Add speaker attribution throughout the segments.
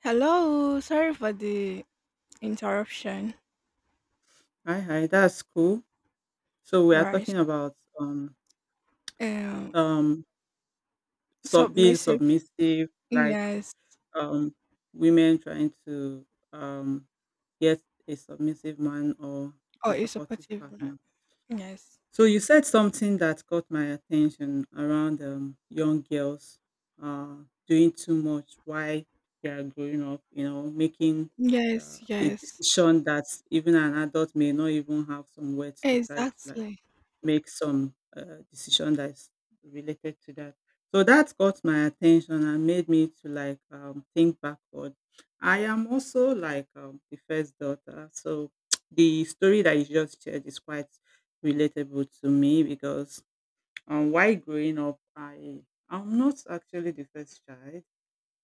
Speaker 1: Hello, sorry for the interruption.
Speaker 2: Hi, hi. That's cool. So we
Speaker 1: All
Speaker 2: are
Speaker 1: right.
Speaker 2: talking about
Speaker 1: Um,
Speaker 2: um sub being
Speaker 1: submissive.
Speaker 2: submissive, like
Speaker 1: Yes.
Speaker 2: um women trying to um get a submissive man or
Speaker 1: Or
Speaker 2: a
Speaker 1: a
Speaker 2: supportive
Speaker 1: supportive man.
Speaker 2: partner.
Speaker 1: Yes.
Speaker 2: So you said something that caught my attention around young girls uh doing too much while they are growing up, making
Speaker 1: Yes.
Speaker 2: a
Speaker 1: Yes.
Speaker 2: decision that even an adult may not even have some words to try to like
Speaker 1: Exactly.
Speaker 2: make some decision that's related to that. So that got my attention and made me to like think backward. I am also like the first daughter, so the story that you just shared is quite relatable to me because while growing up, I'm not actually the first child,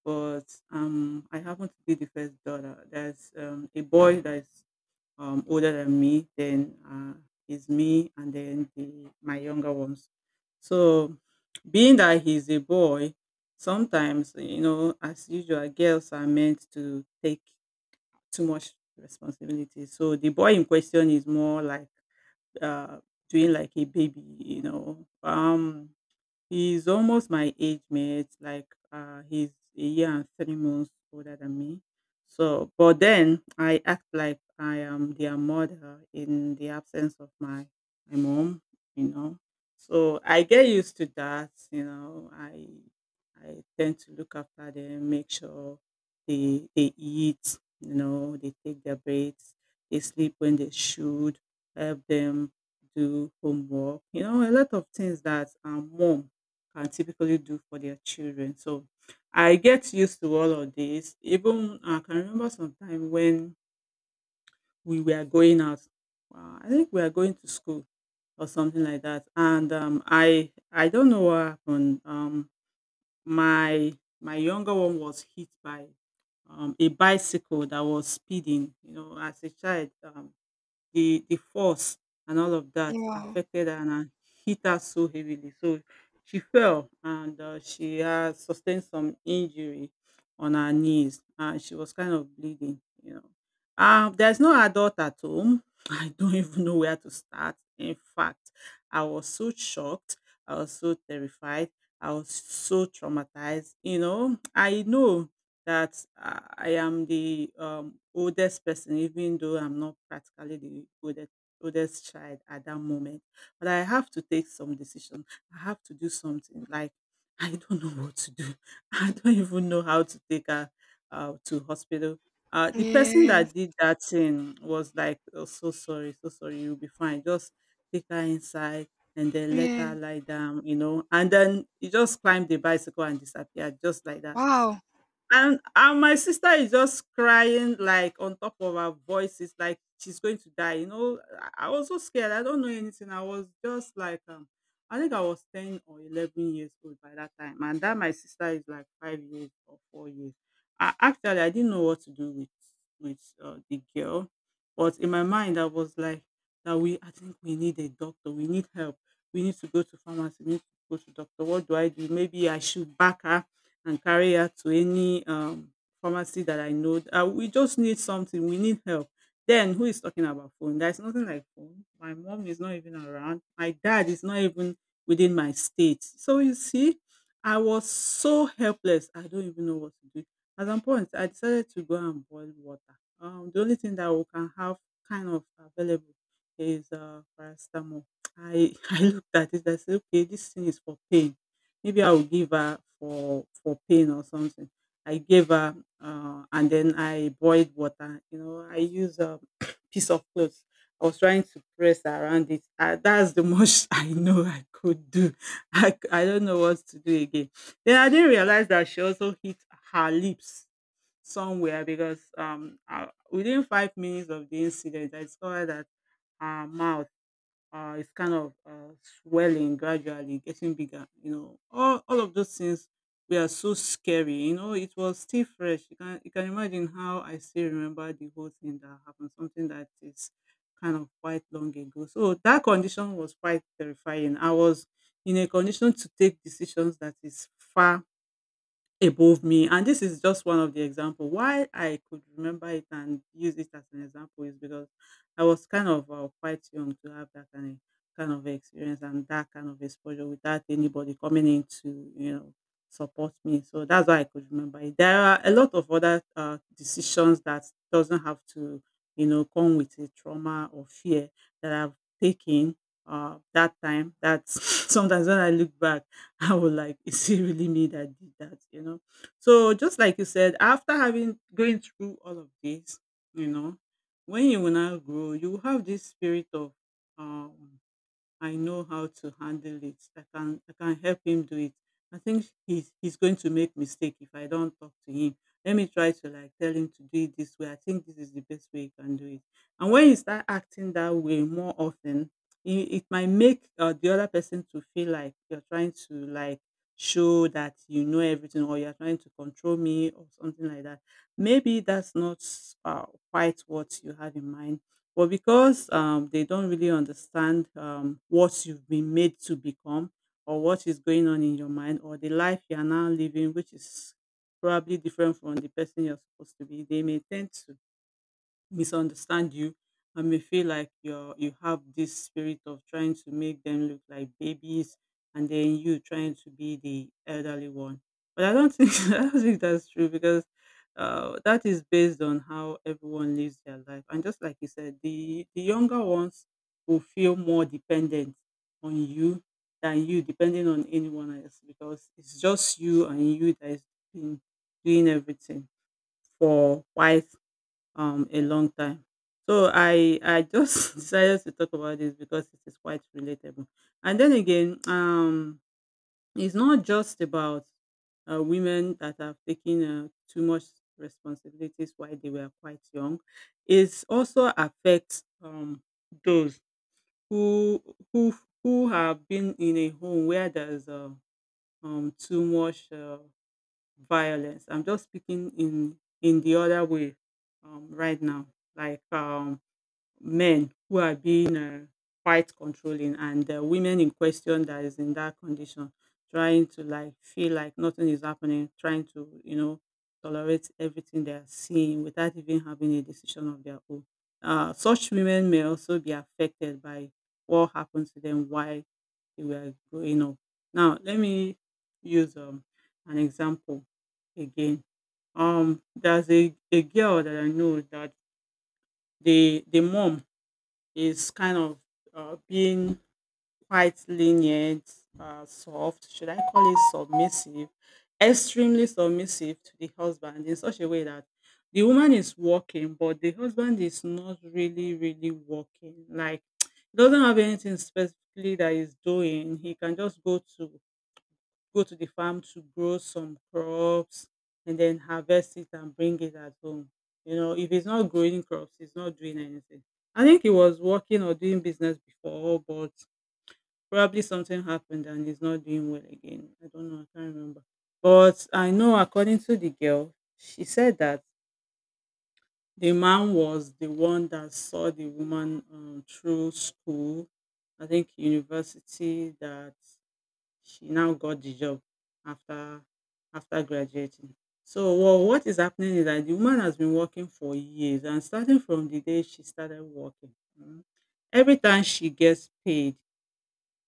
Speaker 2: but I happen to be the first daughter. There's a boy that's older than me, then is me, and then my younger ones. So, being that he's a boy, sometimes as usual, girls are meant to take too much responsibility. So the boy in question is more like uh, doing like a baby. He's almost my age mate, like, he's a year and 3 months older than me. So but then I act like I am their mother in the absence of my mom, you know. So I get used to that. I tend to look after them, make sure they eat, they take their breaks, they sleep when they should, help them do homework, a lot of things that our mom can typically do for their children. So I get used to all of this. Even I can remember some time when we were going out. I think we are going to school or something like that. And I don't know what happened. My my younger one was hit by a bicycle that was speeding. As a child, the force and all of that
Speaker 1: Wow.
Speaker 2: affected her and hit her so heavily. So she fell and she sustained some injury on her knees and she was kind of bleeding. There's no adult at home. I don't even know where to start. In fact, I was so shocked. I was so terrified. I was so traumatized. I know that I am the oldest person, even though I'm not practically the oldest child at that moment. But I have to take some decision. I have to do something. Like I don't know what to do. I don't even know how to take her to hospital. The person that
Speaker 1: Yes.
Speaker 2: did that thing was like, oh, so sorry, you'll be fine. Just take her inside and then let
Speaker 1: Yeah.
Speaker 2: her lie down. And then he just climbed the bicycle and disappeared, just like that
Speaker 1: Wow.
Speaker 2: and my sister is just crying like on top of her voice. It's like she's going to die. I was so scared. I don't know anything. I was just like, I think I was 10 or 11 years old by that time. And that my sister is like 5 years or 4 years. I actually I didn't know what to do with the girl. But in my mind I was like that we I think we need a doctor. We need help. We need to go to pharmacy. We need to go to doctor. What do I do? Maybe I should back her and carry her to any pharmacy that I know. We just need something. We need help. Then who is talking about phone? There's nothing like phone. My mom is not even around. My dad is not even within my state. So you see, I was so helpless. I don't even know what to do. At some point, I decided to go and boil water. The only thing that we can have kind of available is paracetamol. I, I looked at it. I said, okay, this thing is for pain. Maybe I will give her for pain or something. I gave her and then I boiled water. I use a piece of clothes. I was trying to press around it. That's the most I know I could do. I don't know what to do again. Then I didn't realize that she also hit her lips somewhere because within 5 minutes of the incident, I discovered that her mouth it's kind of swelling gradually, getting bigger. All of those things were so scary. It was still fresh. You can imagine how I still remember the whole thing that happened, something that is kind of quite long ago. So that condition was quite terrifying. I was in a condition to take decisions that is far above me. And this is just one of the example. Why I could remember it and use it as an example is because I was kind of quite young to have that kind of experience and that kind of exposure without anybody coming in to support me. So that's why I could remember it. There are a lot of other decisions that doesn't have to come with a trauma or fear that I've taken that time. That's sometimes when I look back I was like, is it really me that did that? So just like you said, after having going through all of this, you know, when you will now grow, you will have this spirit of um I know how to handle it. I can help him do it. I think he's going to make mistake if I don't talk to him. Let me try to like tell him to do it this way. I think this is the best way he can do it. And when you start acting that way more often, it might make the other person to feel like you're trying to like show that you know everything or you're trying to control me or something like that. Maybe that's not quite what you have in mind, but because they don't really understand what you've been made to become or what is going on in your mind or the life you are now living, which is probably different from the person you're supposed to be, they may tend to misunderstand you and may feel like you have this spirit of trying to make them look like babies and then you trying to be the elderly one, but I don't think I don't think that's true because that is based on how everyone lives their life. And just like you said, the younger ones will feel more dependent on you than you depending on anyone else because it's just you and you that is doing, doing everything for wife a long time. So I just decided to talk about this because it is quite relatable. And then again, it's not just about women that have taken too much responsibilities while they were quite young. It also affects those who who who have been in a home where there's too much violence. I'm just speaking in the other way right now. Like men who are being quite controlling, and the women in question that is in that condition trying to like feel like nothing is happening, trying to tolerate everything they are seeing without even having a decision of their own, such women may also be affected by what happened to them while they were growing up. Now let me use an example again. There's a girl that I know that the mom is kind of being quite lenient, soft, should I call it submissive, extremely submissive to the husband in such a way that the woman is working, but the husband is not really, really working. Like, he doesn't have anything specifically that he's doing. He can just go to the farm to grow some crops and then harvest it and bring it at home. If it's not growing crops, it's not doing anything. I think he was working or doing business before, but probably something happened and he's not doing well again. I don't know, I can't remember. But I know, according to the girl, she said that the man was the one that saw the woman through school, I think university, that she now got the job after after graduating. So what is happening is that the woman has been working for years, and starting from the day she started working, mm, every time she gets paid,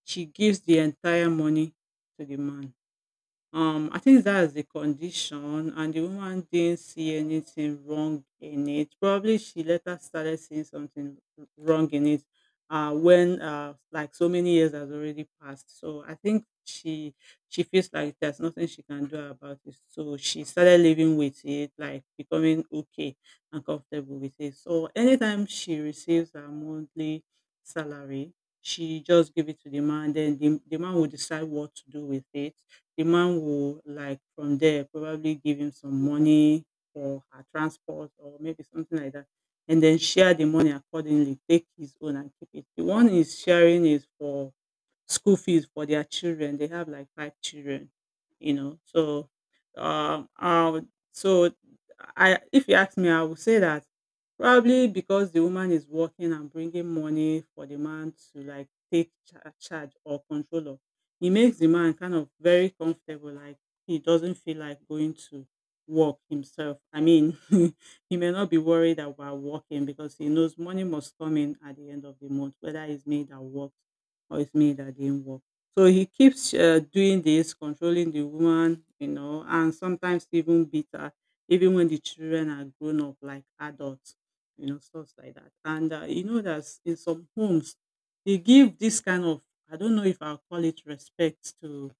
Speaker 2: she gives the entire money to the man. I think that's the condition, and the woman didn't see anything wrong in it. Probably she later started seeing something wrong in it when like so many years has already passed. So I think she feels like there's nothing she can do about it. So she started living with it, like becoming okay and comfortable with it. So anytime she receives her monthly salary, she just give it to the man. Then the man will decide what to do with it. The man will, like, from there, probably give him some money for her transport or maybe something like that, and then share the money accordingly, take his own and keep it. The one he's sharing is for school fees for their children. They have like five children, you know. So, um, I would, so I, if you ask me, I would say that probably because the woman is working and bringing money for the man to like take charge or control of, it makes the man kind of very comfortable. Like he doesn't feel like going to work himself. I mean, he may not be worried about working because he knows money must come in at the end of the month, whether it's made at work or it's me that didn't work. So he keeps doing this, controlling the woman, you know, and sometimes even beat even when the children are grown up like adults, you know, stuff like that. And you know that in some homes, they give this kind of, I don't know if I'll call it respect to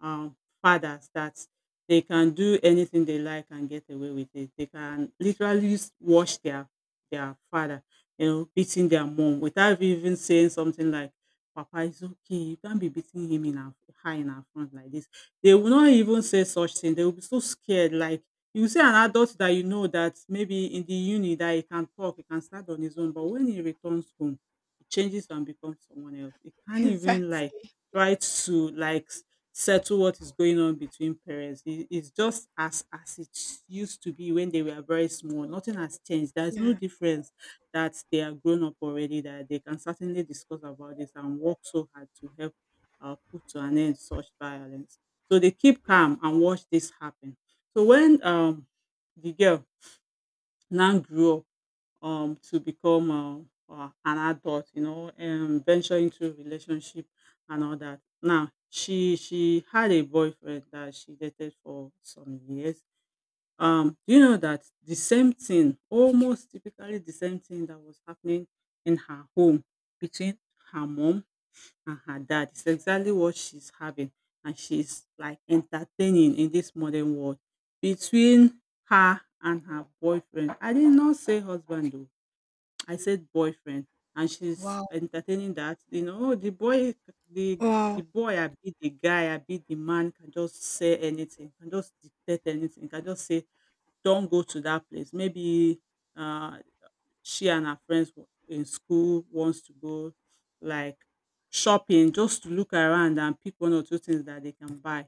Speaker 2: fathers that they can do anything they like and get away with it. They can literally wash their father, you know, beating their mom without even saying something like, "Papa is okay, you can't be beating him in our high in our front like this." They will not even say such thing. They will be so scared. Like, you see an adult that you know that maybe in the uni that he can talk, he can start on his own, but when he returns home, he changes and becomes someone else. He can't even like
Speaker 1: Exactly.
Speaker 2: try to like settle what is going on between parents. It's just as it used to be when they were very small. Nothing has changed. There's no
Speaker 1: Yeah.
Speaker 2: difference that they are grown up already, that they can certainly discuss about this and work so hard to help put to an end such violence. So they keep calm and watch this happen. So when the girl now grew up to become an adult, you know, and venture into relationship and all that. Now she had a boyfriend that she dated for some years. Do you know that the same thing, almost typically the same thing that was happening in her home between her mom and her dad is exactly what she's having and she's like entertaining in this modern world between her and her boyfriend. I did not say husband though, I said boyfriend. And she's
Speaker 1: Wow.
Speaker 2: entertaining that, you know, "Oh, the the
Speaker 1: Wow.
Speaker 2: boy, I be the guy, I be the man, can just say anything, can just dictate anything, can just say don go to that place." Maybe um she and her friends in school wants to go like shopping just to look around and pick one or two things that they can buy.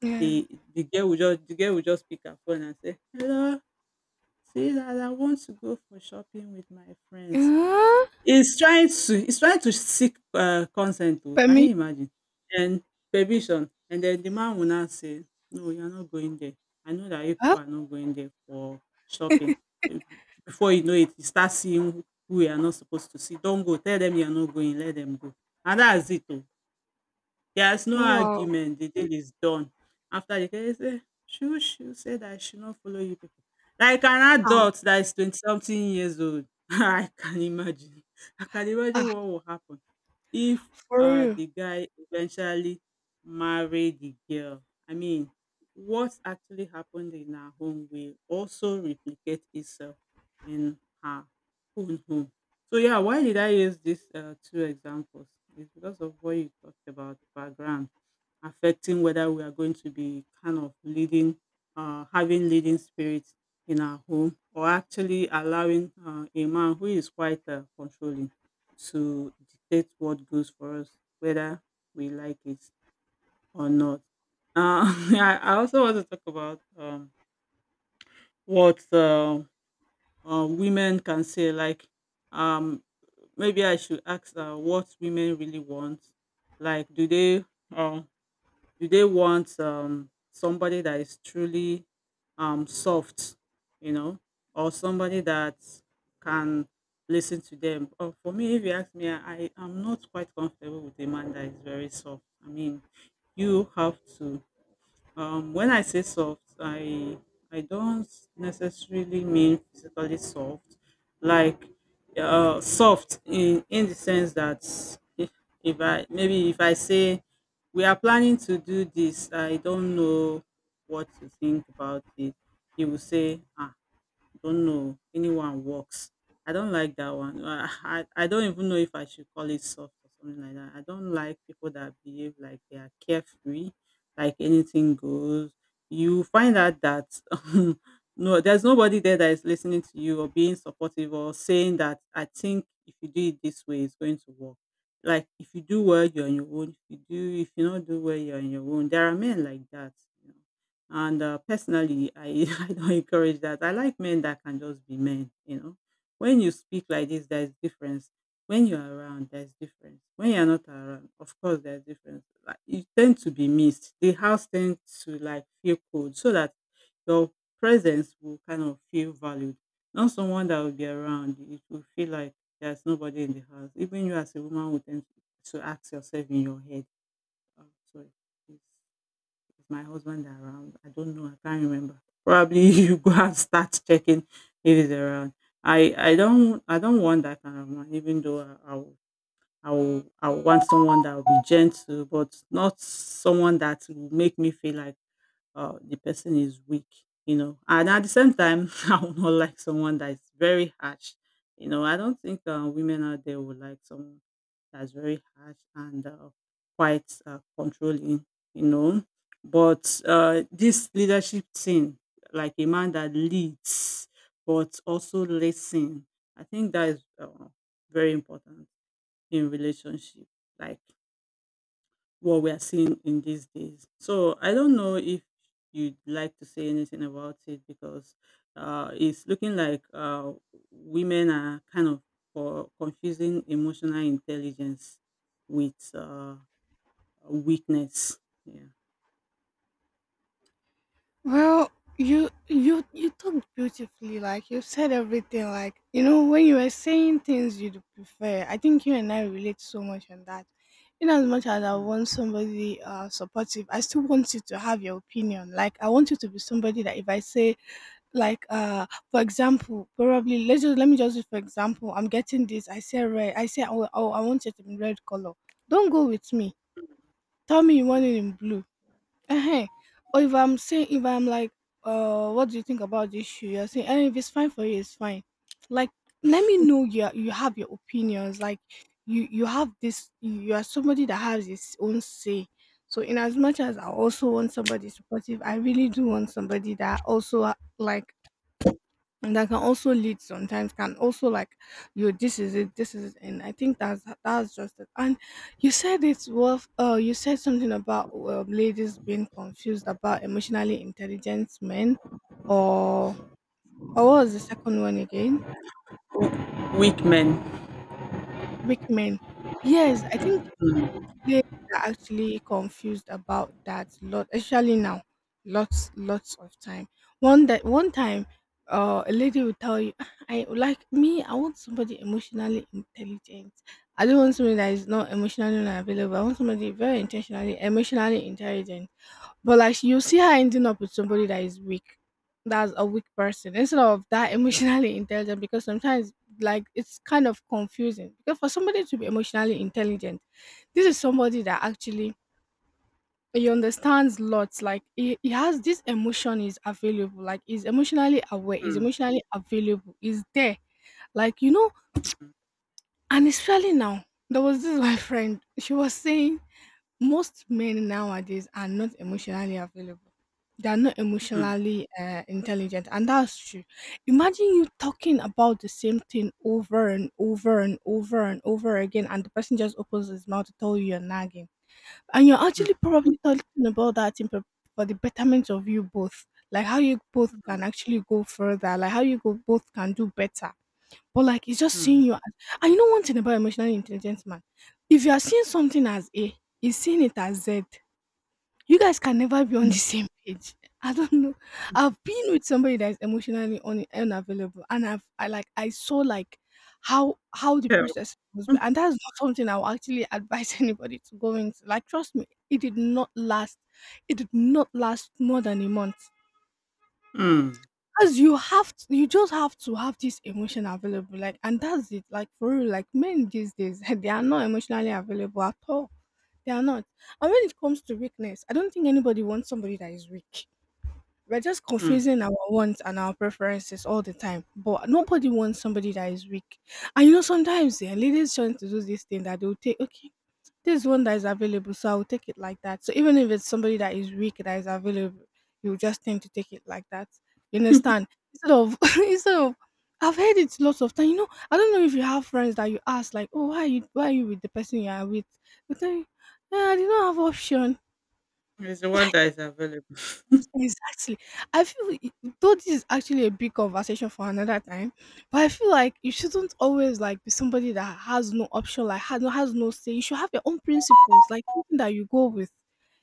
Speaker 1: Yeah.
Speaker 2: The the girl will just pick her phone and say, "Hello, see that I want to go for shopping with my friends."
Speaker 1: Uh,
Speaker 2: He's trying to seek, consent. Oh,
Speaker 1: for
Speaker 2: can
Speaker 1: me.
Speaker 2: you imagine? And permission. And then the man will now say, "No, you are not going there. I know that you
Speaker 1: Huh?
Speaker 2: people are not going there for shopping. Be Before you know it, you start seeing who you are not supposed to see. Don't go, tell them you are not going, let them go." And that's it oh. There's no
Speaker 1: Wow.
Speaker 2: argument, the deal is done. After the guy say, "Shoo shoo said I should not follow you people." Like an
Speaker 1: Ah.
Speaker 2: adult that is 20 something years old. I can imagine. I can imagine what
Speaker 1: Ah.
Speaker 2: will happen if
Speaker 1: For real.
Speaker 2: the guy eventually marry the girl. I mean, what actually happened in her home will also replicate itself in her own home. So yeah, why did I use these two examples? It's because of what you talked about background affecting whether we are going to be kind of leading, having leading spirits in our home, or actually allowing a man who is quite controlling to dictate what goes for us, whether we like it or not. Uh, I also want to talk about what women can say. Like, um, maybe I should ask what women really want. Like, do they? Um, do they want somebody that is truly soft, you know, or somebody that can listen to them? Or for me, if you ask me, I am not quite comfortable with a man that is very soft. I mean, you have to. When I say soft, I don't necessarily mean physically soft, like soft in the sense that if, if I maybe if I say we are planning to do this. I don't know what you think about it. He will say, don't know anyone works. I don't like that one. I don't even know if I should call it soft or something like that. I don't like people that behave like they are carefree, like anything goes. You find out that no, there's nobody there that is listening to you or being supportive or saying that I think if you do it this way, it's going to work. Like, if you do well, you're on your own. If you don't do well, you're on your own. There are men like that, you know. And personally, I, I don't encourage that. I like men that can just be men, you know. When you speak like this, there's difference. When you're around, there's difference. When you're not around, of course, there's difference. Like, you tend to be missed. The house tends to like feel cold so that your presence will kind of feel valued. Not someone that will be around. It will feel like there's nobody in the house. Even you as a woman will tend to ask yourself in your head, oh, sorry, please, is my husband around? I don't know. I can't remember. Probably you go and start checking if he's around. I don't want that kind of man. Even though I will want someone that will be gentle, but not someone that will make me feel like the person is weak. You know, and at the same time, I will not like someone that is very harsh. You know, I don't think women out there would like someone that's very harsh and quite controlling, you know. But this leadership thing, like a man that leads but also listen, I think that is very important in relationship. Like what we are seeing in these days. So I don't know if you'd like to say anything about it because it's looking like women are kind of confusing emotional intelligence with weakness. Yeah.
Speaker 1: Well, you talked beautifully. Like you said everything. Like you know when you were saying things you'd prefer. I think you and I relate so much on that. In as much as I
Speaker 2: Mm,
Speaker 1: want somebody supportive, I still want you to have your opinion. Like I want you to be somebody that if I say like for example, probably, let's just let me just do for example, I'm getting this, I say red, I say oh, oh I want it in red color. Don't go with me. Tell me you want
Speaker 2: mm.
Speaker 1: it in blue. Ehen. Or if I'm saying, if I'm like, what do you think about this shoe? You're saying, and if it's fine for you, it's fine. Like, let me know you have your opinions. Like, you have this. You are somebody that has his own say. So, in as much as I also want somebody supportive, I really do want somebody that also like and that can also lead sometimes, can also like you this is it, this is it. And I think that's just it. And you said it's worth you said something about ladies being confused about emotionally intelligent men, or or what was the second one again?
Speaker 2: Weak men.
Speaker 1: Weak men. Yes, I think
Speaker 2: Mm,
Speaker 1: they are actually confused about that lot, especially now. Lots, lots of time. One that one time, a lady will tell you, "Ah, I like me. I want somebody emotionally intelligent. I don't want somebody that is not emotionally unavailable. I want somebody very intentionally, emotionally intelligent." But like you see her ending up with somebody that is weak, that's a weak person instead of that emotionally intelligent. Because sometimes, like, it's kind of confusing because for somebody to be emotionally intelligent, this is somebody that actually he understands lots. Like he has this emotion is available. Like he's emotionally aware. He's
Speaker 2: mm,
Speaker 1: emotionally available. He's there. Like you know, and especially now, there was this my friend. She was saying most men nowadays are not emotionally available. They are not
Speaker 2: mm,
Speaker 1: emotionally intelligent, and that's true. Imagine you talking about the same thing over and over and over and over again, and the person just opens his mouth to tell you you're nagging. And you're actually probably talking about that in prep for the betterment of you both, like how you both
Speaker 2: mm,
Speaker 1: can actually go further, like how you go both can do better. But like it's just
Speaker 2: mm,
Speaker 1: seeing you as, and you know one thing about emotionally intelligent man: if you are seeing something as A, he's seeing it as Z. You guys can never be on the
Speaker 2: mm.
Speaker 1: same page. I don't know. I've been with somebody that is emotionally unavailable, and I like I saw like how the
Speaker 2: Hell.
Speaker 1: process was, and that's not something I would actually advise anybody to go into. Like, trust me, it did not last. It did not last more than a month.
Speaker 2: Mm,
Speaker 1: Because you have to, you just have to have this emotion available, like, and that's it. Like for real, like men these days, they are not emotionally available at all. They are not. And when it comes to weakness, I don't think anybody wants somebody that is weak. We're just
Speaker 2: mm.
Speaker 1: confusing our wants and our preferences all the time. But nobody wants somebody that is weak. And you know, sometimes yeah, ladies tend to do this thing that they'll take, okay, this one that is available, so I'll take it like that. So even if it's somebody that is weak that is available, you just tend to take it like that. You understand? Instead of instead of I've heard it lots of time. You know, I don't know if you have friends that you ask like, oh, why are you with the person you are with? They tell you, "Eh, I did not have option."
Speaker 2: It's the one that is available.
Speaker 1: Exactly. I feel though this is actually a big conversation for another time, but I feel like you shouldn't always like be somebody that has no option, like has no say. You should have your own principles, like something that you go with.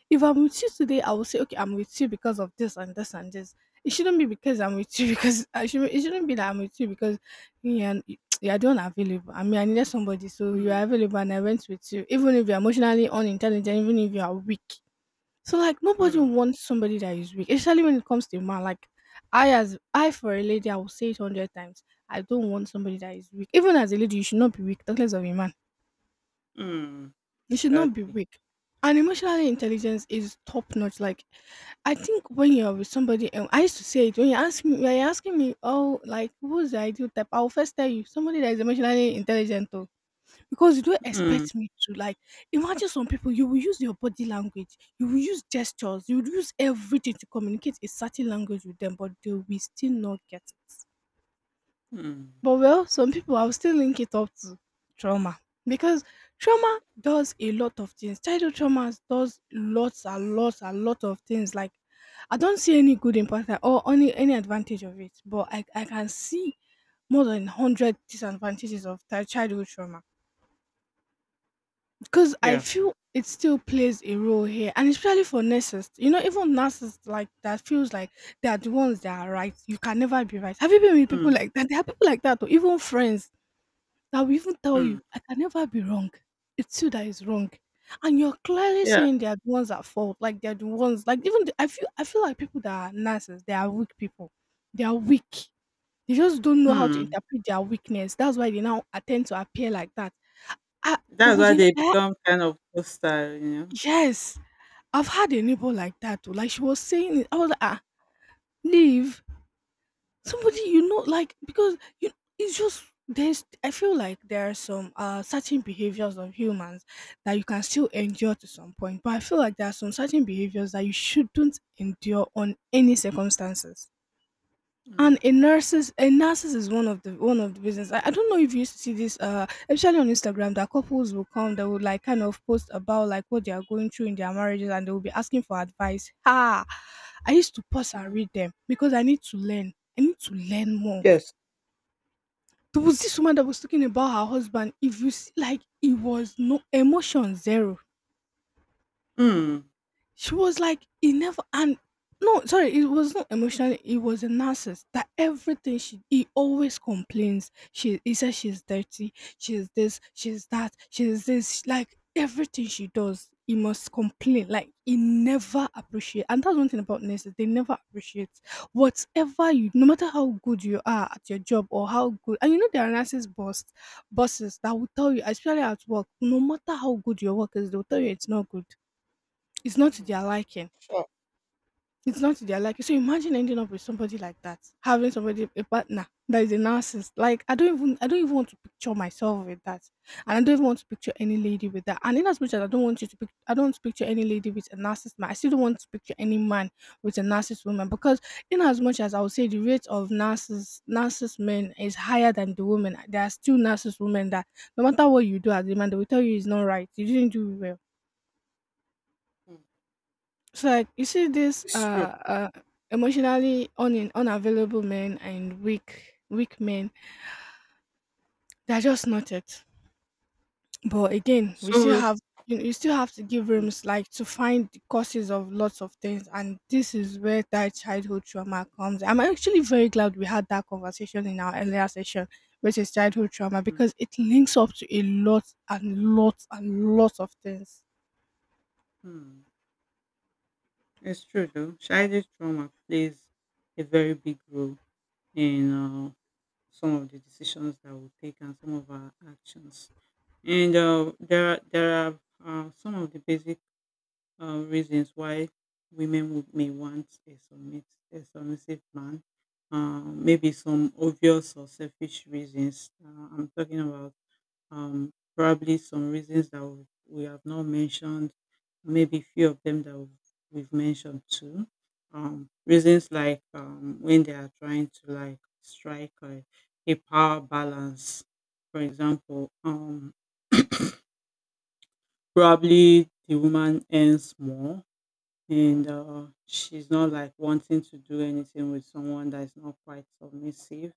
Speaker 1: If I'm with you today, I will say, okay, I'm with you because of this and this and this. It shouldn't be because I'm with you because I should. It shouldn't be that I'm with you because you are you are the one available. I mean, I needed somebody, so you
Speaker 2: Mm,
Speaker 1: are available, and I went with you, even if you're emotionally unintelligent, even if you are weak. So like nobody
Speaker 2: mm,
Speaker 1: wants somebody that is weak, especially when it comes to a man. Like I as I for a lady, I will say it hundred times. I don't want somebody that is weak. Even as a lady, you should not be weak, talkless of a man.
Speaker 2: mm.
Speaker 1: You should
Speaker 2: That-
Speaker 1: not be weak. And emotional intelligence is top notch. Like I think when you're with somebody, and I used to say it when you ask me, when you're asking me, oh, like who's the ideal type? I'll first tell you somebody that is emotionally intelligent. Because you don't
Speaker 2: mm,
Speaker 1: expect me to like imagine some people you will use your body language, you will use gestures, you will use everything to communicate a certain language with them, but they will still not get it.
Speaker 2: mm.
Speaker 1: But well, some people I'll still link it up to trauma, because trauma does a lot of things. Childhood trauma does lots and lots and lot of things. Like I don't see any good impact or any advantage of it, but I can see more than hundred disadvantages of childhood trauma. Because I
Speaker 2: Yeah.
Speaker 1: feel it still plays a role here, and especially for nurses. You know, even nurses like that feels like they are the ones that are right. You can never be right. Have you been with people like that? There are people like that, or even friends that will even tell
Speaker 2: Hmm.
Speaker 1: you, "I can never be wrong. It's you that is wrong," and you're clearly
Speaker 2: Yeah.
Speaker 1: saying they are the ones at fault. Like they're the ones. Like even the, I feel like people that are nurses, they are weak people. They are weak. They just don't know how to
Speaker 2: Hmm.
Speaker 1: interpret their weakness. That's why they now attend to appear like that. Ah, there
Speaker 2: That's
Speaker 1: was
Speaker 2: why
Speaker 1: an
Speaker 2: they
Speaker 1: air.
Speaker 2: become kind of hostile, you know.
Speaker 1: Yes, I've had a neighbor like that too. Like she was saying it, I was like, ah, leave somebody you know, like because you it's just there's I feel like there are some certain behaviors of humans that you can still endure to some point, but I feel like there are some certain behaviors that you shouldn't endure on any circumstances. And a
Speaker 2: Hmm.
Speaker 1: nurses a nurses is one of the business. I don't know if you used to see this especially on Instagram that couples will come that will like kind of post about like what they are going through in their marriages, and they will be asking for advice. Ah, I used to pause and
Speaker 2: Hmm.
Speaker 1: read them because I need to learn. I need to learn more.
Speaker 2: Yes.
Speaker 1: There was this woman that was talking about her husband. If you see like it was no emotion zero.
Speaker 2: Hmm.
Speaker 1: She was like, he never and no, sorry, it was not emotionally, it was a narcissist. That everything she he always complains. She he says she's dirty, she's this, she's that, she's this, like everything she does, he must complain. Like he never appreciate, and that's one thing about nurses, they never appreciate whatever you, no matter how good you are at your job or how good. And you know there are nurses boss bosses that will tell you, especially at work, no matter how good your work is, they'll tell you it's not good. It's not to
Speaker 2: Hmm.
Speaker 1: their liking
Speaker 2: Sure.
Speaker 1: it's not to their liking. So imagine ending up with somebody like that, having somebody a partner that is a narcissist. Like I don't even want to picture myself with that, and I don't even want to picture any lady with that. And in as much as I don't want you to I don't want to picture any lady with a narcissist man. I still don't want to picture any man with a narcissist woman. Because in as much as I would say the rate of narcissist men is higher than the women, there are still narcissist women that no matter what you do as a man, they will tell you it's not right. You didn't do well.
Speaker 2: Hmm.
Speaker 1: So like you see this
Speaker 2: It's true.
Speaker 1: emotionally unavailable men and weak men, they're just not it. But again, we still
Speaker 2: So,
Speaker 1: have you know, you still have to give
Speaker 2: hmm,
Speaker 1: rooms like to find the causes of lots of things, and this is where that childhood trauma comes. I'm actually very glad we had that conversation in our earlier session, which is childhood trauma,
Speaker 2: hmm,
Speaker 1: because it links up to a lot and lots of things.
Speaker 2: hmm. It's true though. Childhood trauma plays a very big role in some of the decisions that we take and some of our actions. And there are some of the basic reasons why women may want a submissive man. Maybe some obvious or selfish reasons. I'm talking about um, probably some reasons that we have not mentioned, maybe few of them that we've mentioned too. Reasons like when they are trying to like strike a power balance, for example, probably the woman earns more and she's not like wanting to do anything with someone that is not quite submissive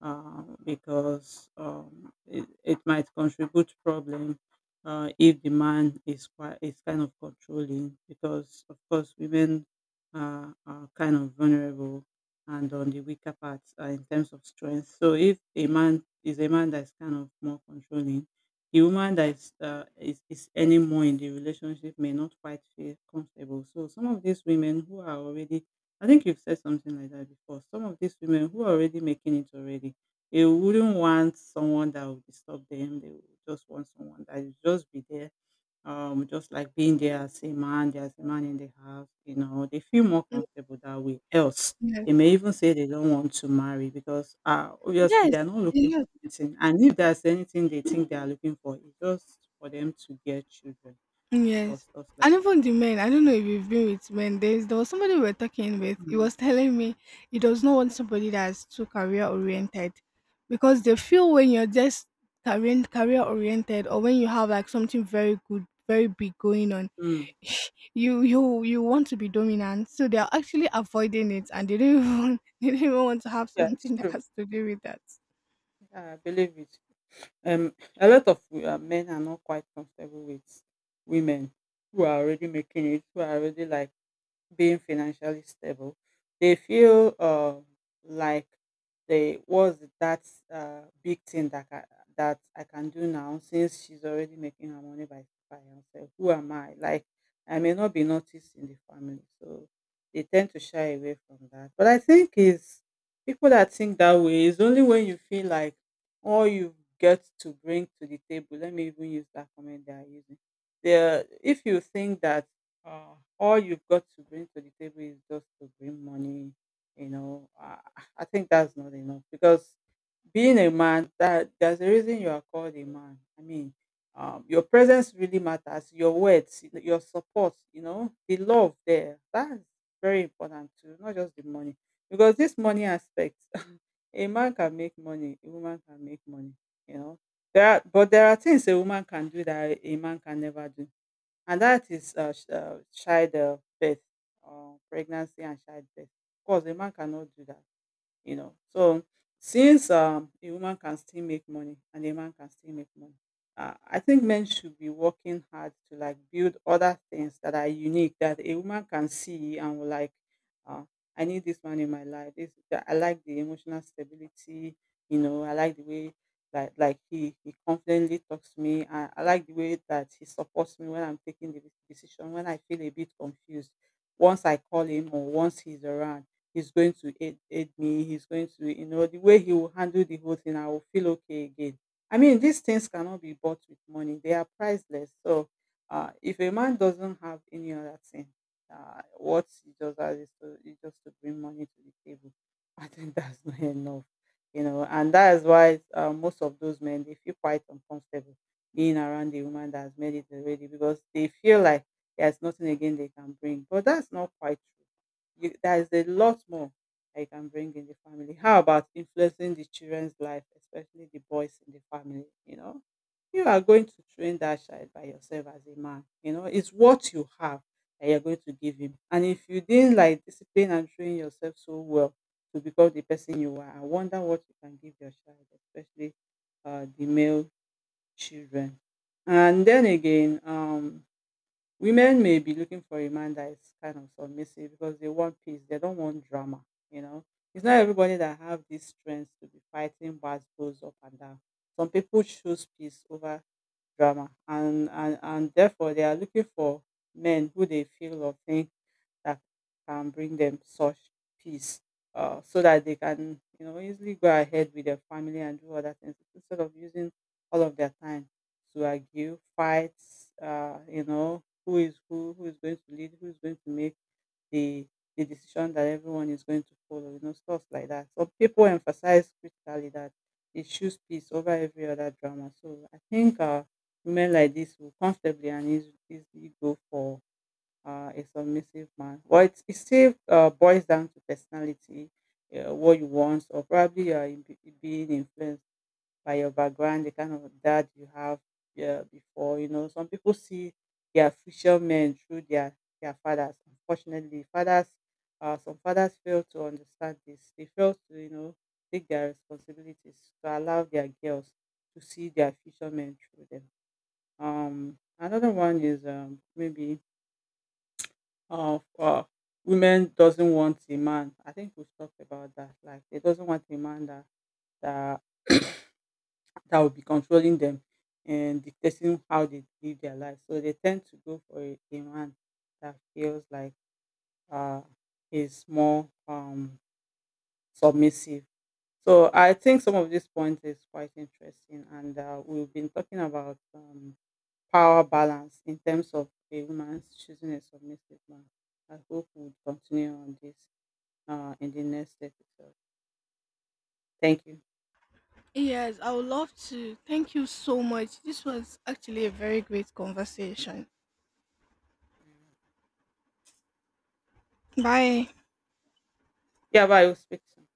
Speaker 2: because it might contribute problem if the man is kind of controlling, because of course women are kind of vulnerable and on the weaker parts in terms of strength. So if a man is a man that's kind of more controlling, the woman that is is any more in the relationship may not quite feel comfortable. So some of these women who are already— I think you've said something like that before. Some of these women who are already making it already, they wouldn't want someone that would disturb them. They would just want someone that would just be there, just like being there as a man, there as a man in the house. You know, they feel more comfortable that way. Else, they
Speaker 1: Yes.
Speaker 2: may even say they don't want to marry because obviously they're
Speaker 1: Yes.
Speaker 2: not looking for anything. And if there's anything they think they are looking for, it's just for them to get children or
Speaker 1: Yes.
Speaker 2: stuff like
Speaker 1: And
Speaker 2: that.
Speaker 1: even the men, I don't know if you've been with men. There's there was somebody we were talking with. He
Speaker 2: Mm,
Speaker 1: was telling me he does not want somebody that's too career oriented. Because they feel when you're just career oriented or when you have like something very good, very big going on,
Speaker 2: mm.
Speaker 1: you want to be dominant. So they're actually avoiding it, and they don't even want, they don't even want to have
Speaker 2: Yeah, it's
Speaker 1: something that
Speaker 2: true.
Speaker 1: has to do with that.
Speaker 2: Yeah, I believe it. Um, a lot of men are not quite comfortable with women who are already making it, who are already like being financially stable. They feel like they was that big thing that that I can do now since she's already making her money by herself. Who am I? Like I may not be noticed in the family, so they tend to shy away from that. But I think is people that think that way is only when you feel like all you get to bring to the table. Let me even use that comment they are using. There, if you think that all you've got to bring to the table is just to bring money. You know, I think that's not enough because being a man, that there's a reason you are called a man. I mean, your presence really matters. Your words, your support, you know, the love there. That's very important too, not just the money. Because this money aspect, a man can make money, a woman can make money. You know, there are, but there are things a woman can do that a man can never do, and that is child birth, pregnancy and childbirth. Of course, a man cannot do that, you know. So since a woman can still make money and a man can still make money, I think men should be working hard to like build other things that are unique that a woman can see and will like, uh, I need this man in my life. This that— I like the emotional stability, you know. I like the way that like he confidently talks to me. I like the way that he supports me when I'm taking the decision when I feel a bit confused. Once I call him or once he's around, he's going to aid me, he's going to, you know, the way he will handle the whole thing, I will feel okay again. I mean, these things cannot be bought with money, they are priceless. So if a man doesn't have any other thing, what he does that is to— is just to bring money to the table, I think that's not enough. You know, and that is why most of those men, they feel quite uncomfortable being around the woman that has made it already because they feel like there's nothing again they can bring. But that's not quite true. You— there is a lot more that you can bring in the family. How about influencing the children's life, especially the boys in the family, you know? You are going to train that child by yourself as a man, you know? It's what you have that you're going to give him. And if you didn't like discipline and train yourself so well to become the person you are, I wonder what you can give your child, especially the male children. And then again, women may be looking for a man that is kind of submissive because they want peace. They don't want drama, you know. It's not everybody that have this strength to be fighting battles up and down. Some people choose peace over drama, and therefore they are looking for men who they feel or think that can bring them such peace, so that they can, you know, easily go ahead with their family and do other things instead of using all of their time to argue fights, you know, who is who— who is going to lead, who is going to make the the decision that everyone is going to follow, you know, stuff like that. So people emphasize critically that they choose peace over every other drama. So I think women like this will comfortably and easily go for a submissive man. Well, it still boils down to personality, what you want, or probably you are being influenced by your background, the kind of dad you have, yeah, before. You know, some people see their future men through their fathers. Unfortunately, fathers, some fathers fail to understand this. They fail to, you know, take their responsibilities to allow their girls to see their future men through them. Another one is maybe of women doesn't want a man. I think we've talked about that. Like they doesn't want a man that that will be controlling them and dictating how they live their life. So they tend to go for a man that feels like uh is more submissive. So I think some of these points is quite interesting, and we've been talking about power balance in terms of a woman choosing a submissive man. I hope we'll continue on this. Ah, in the next it. So, thank you.
Speaker 1: Yes, I would love to. Thank you so much. This was actually a very great conversation. Bye.
Speaker 2: Yeah, bye, we'll speak soon.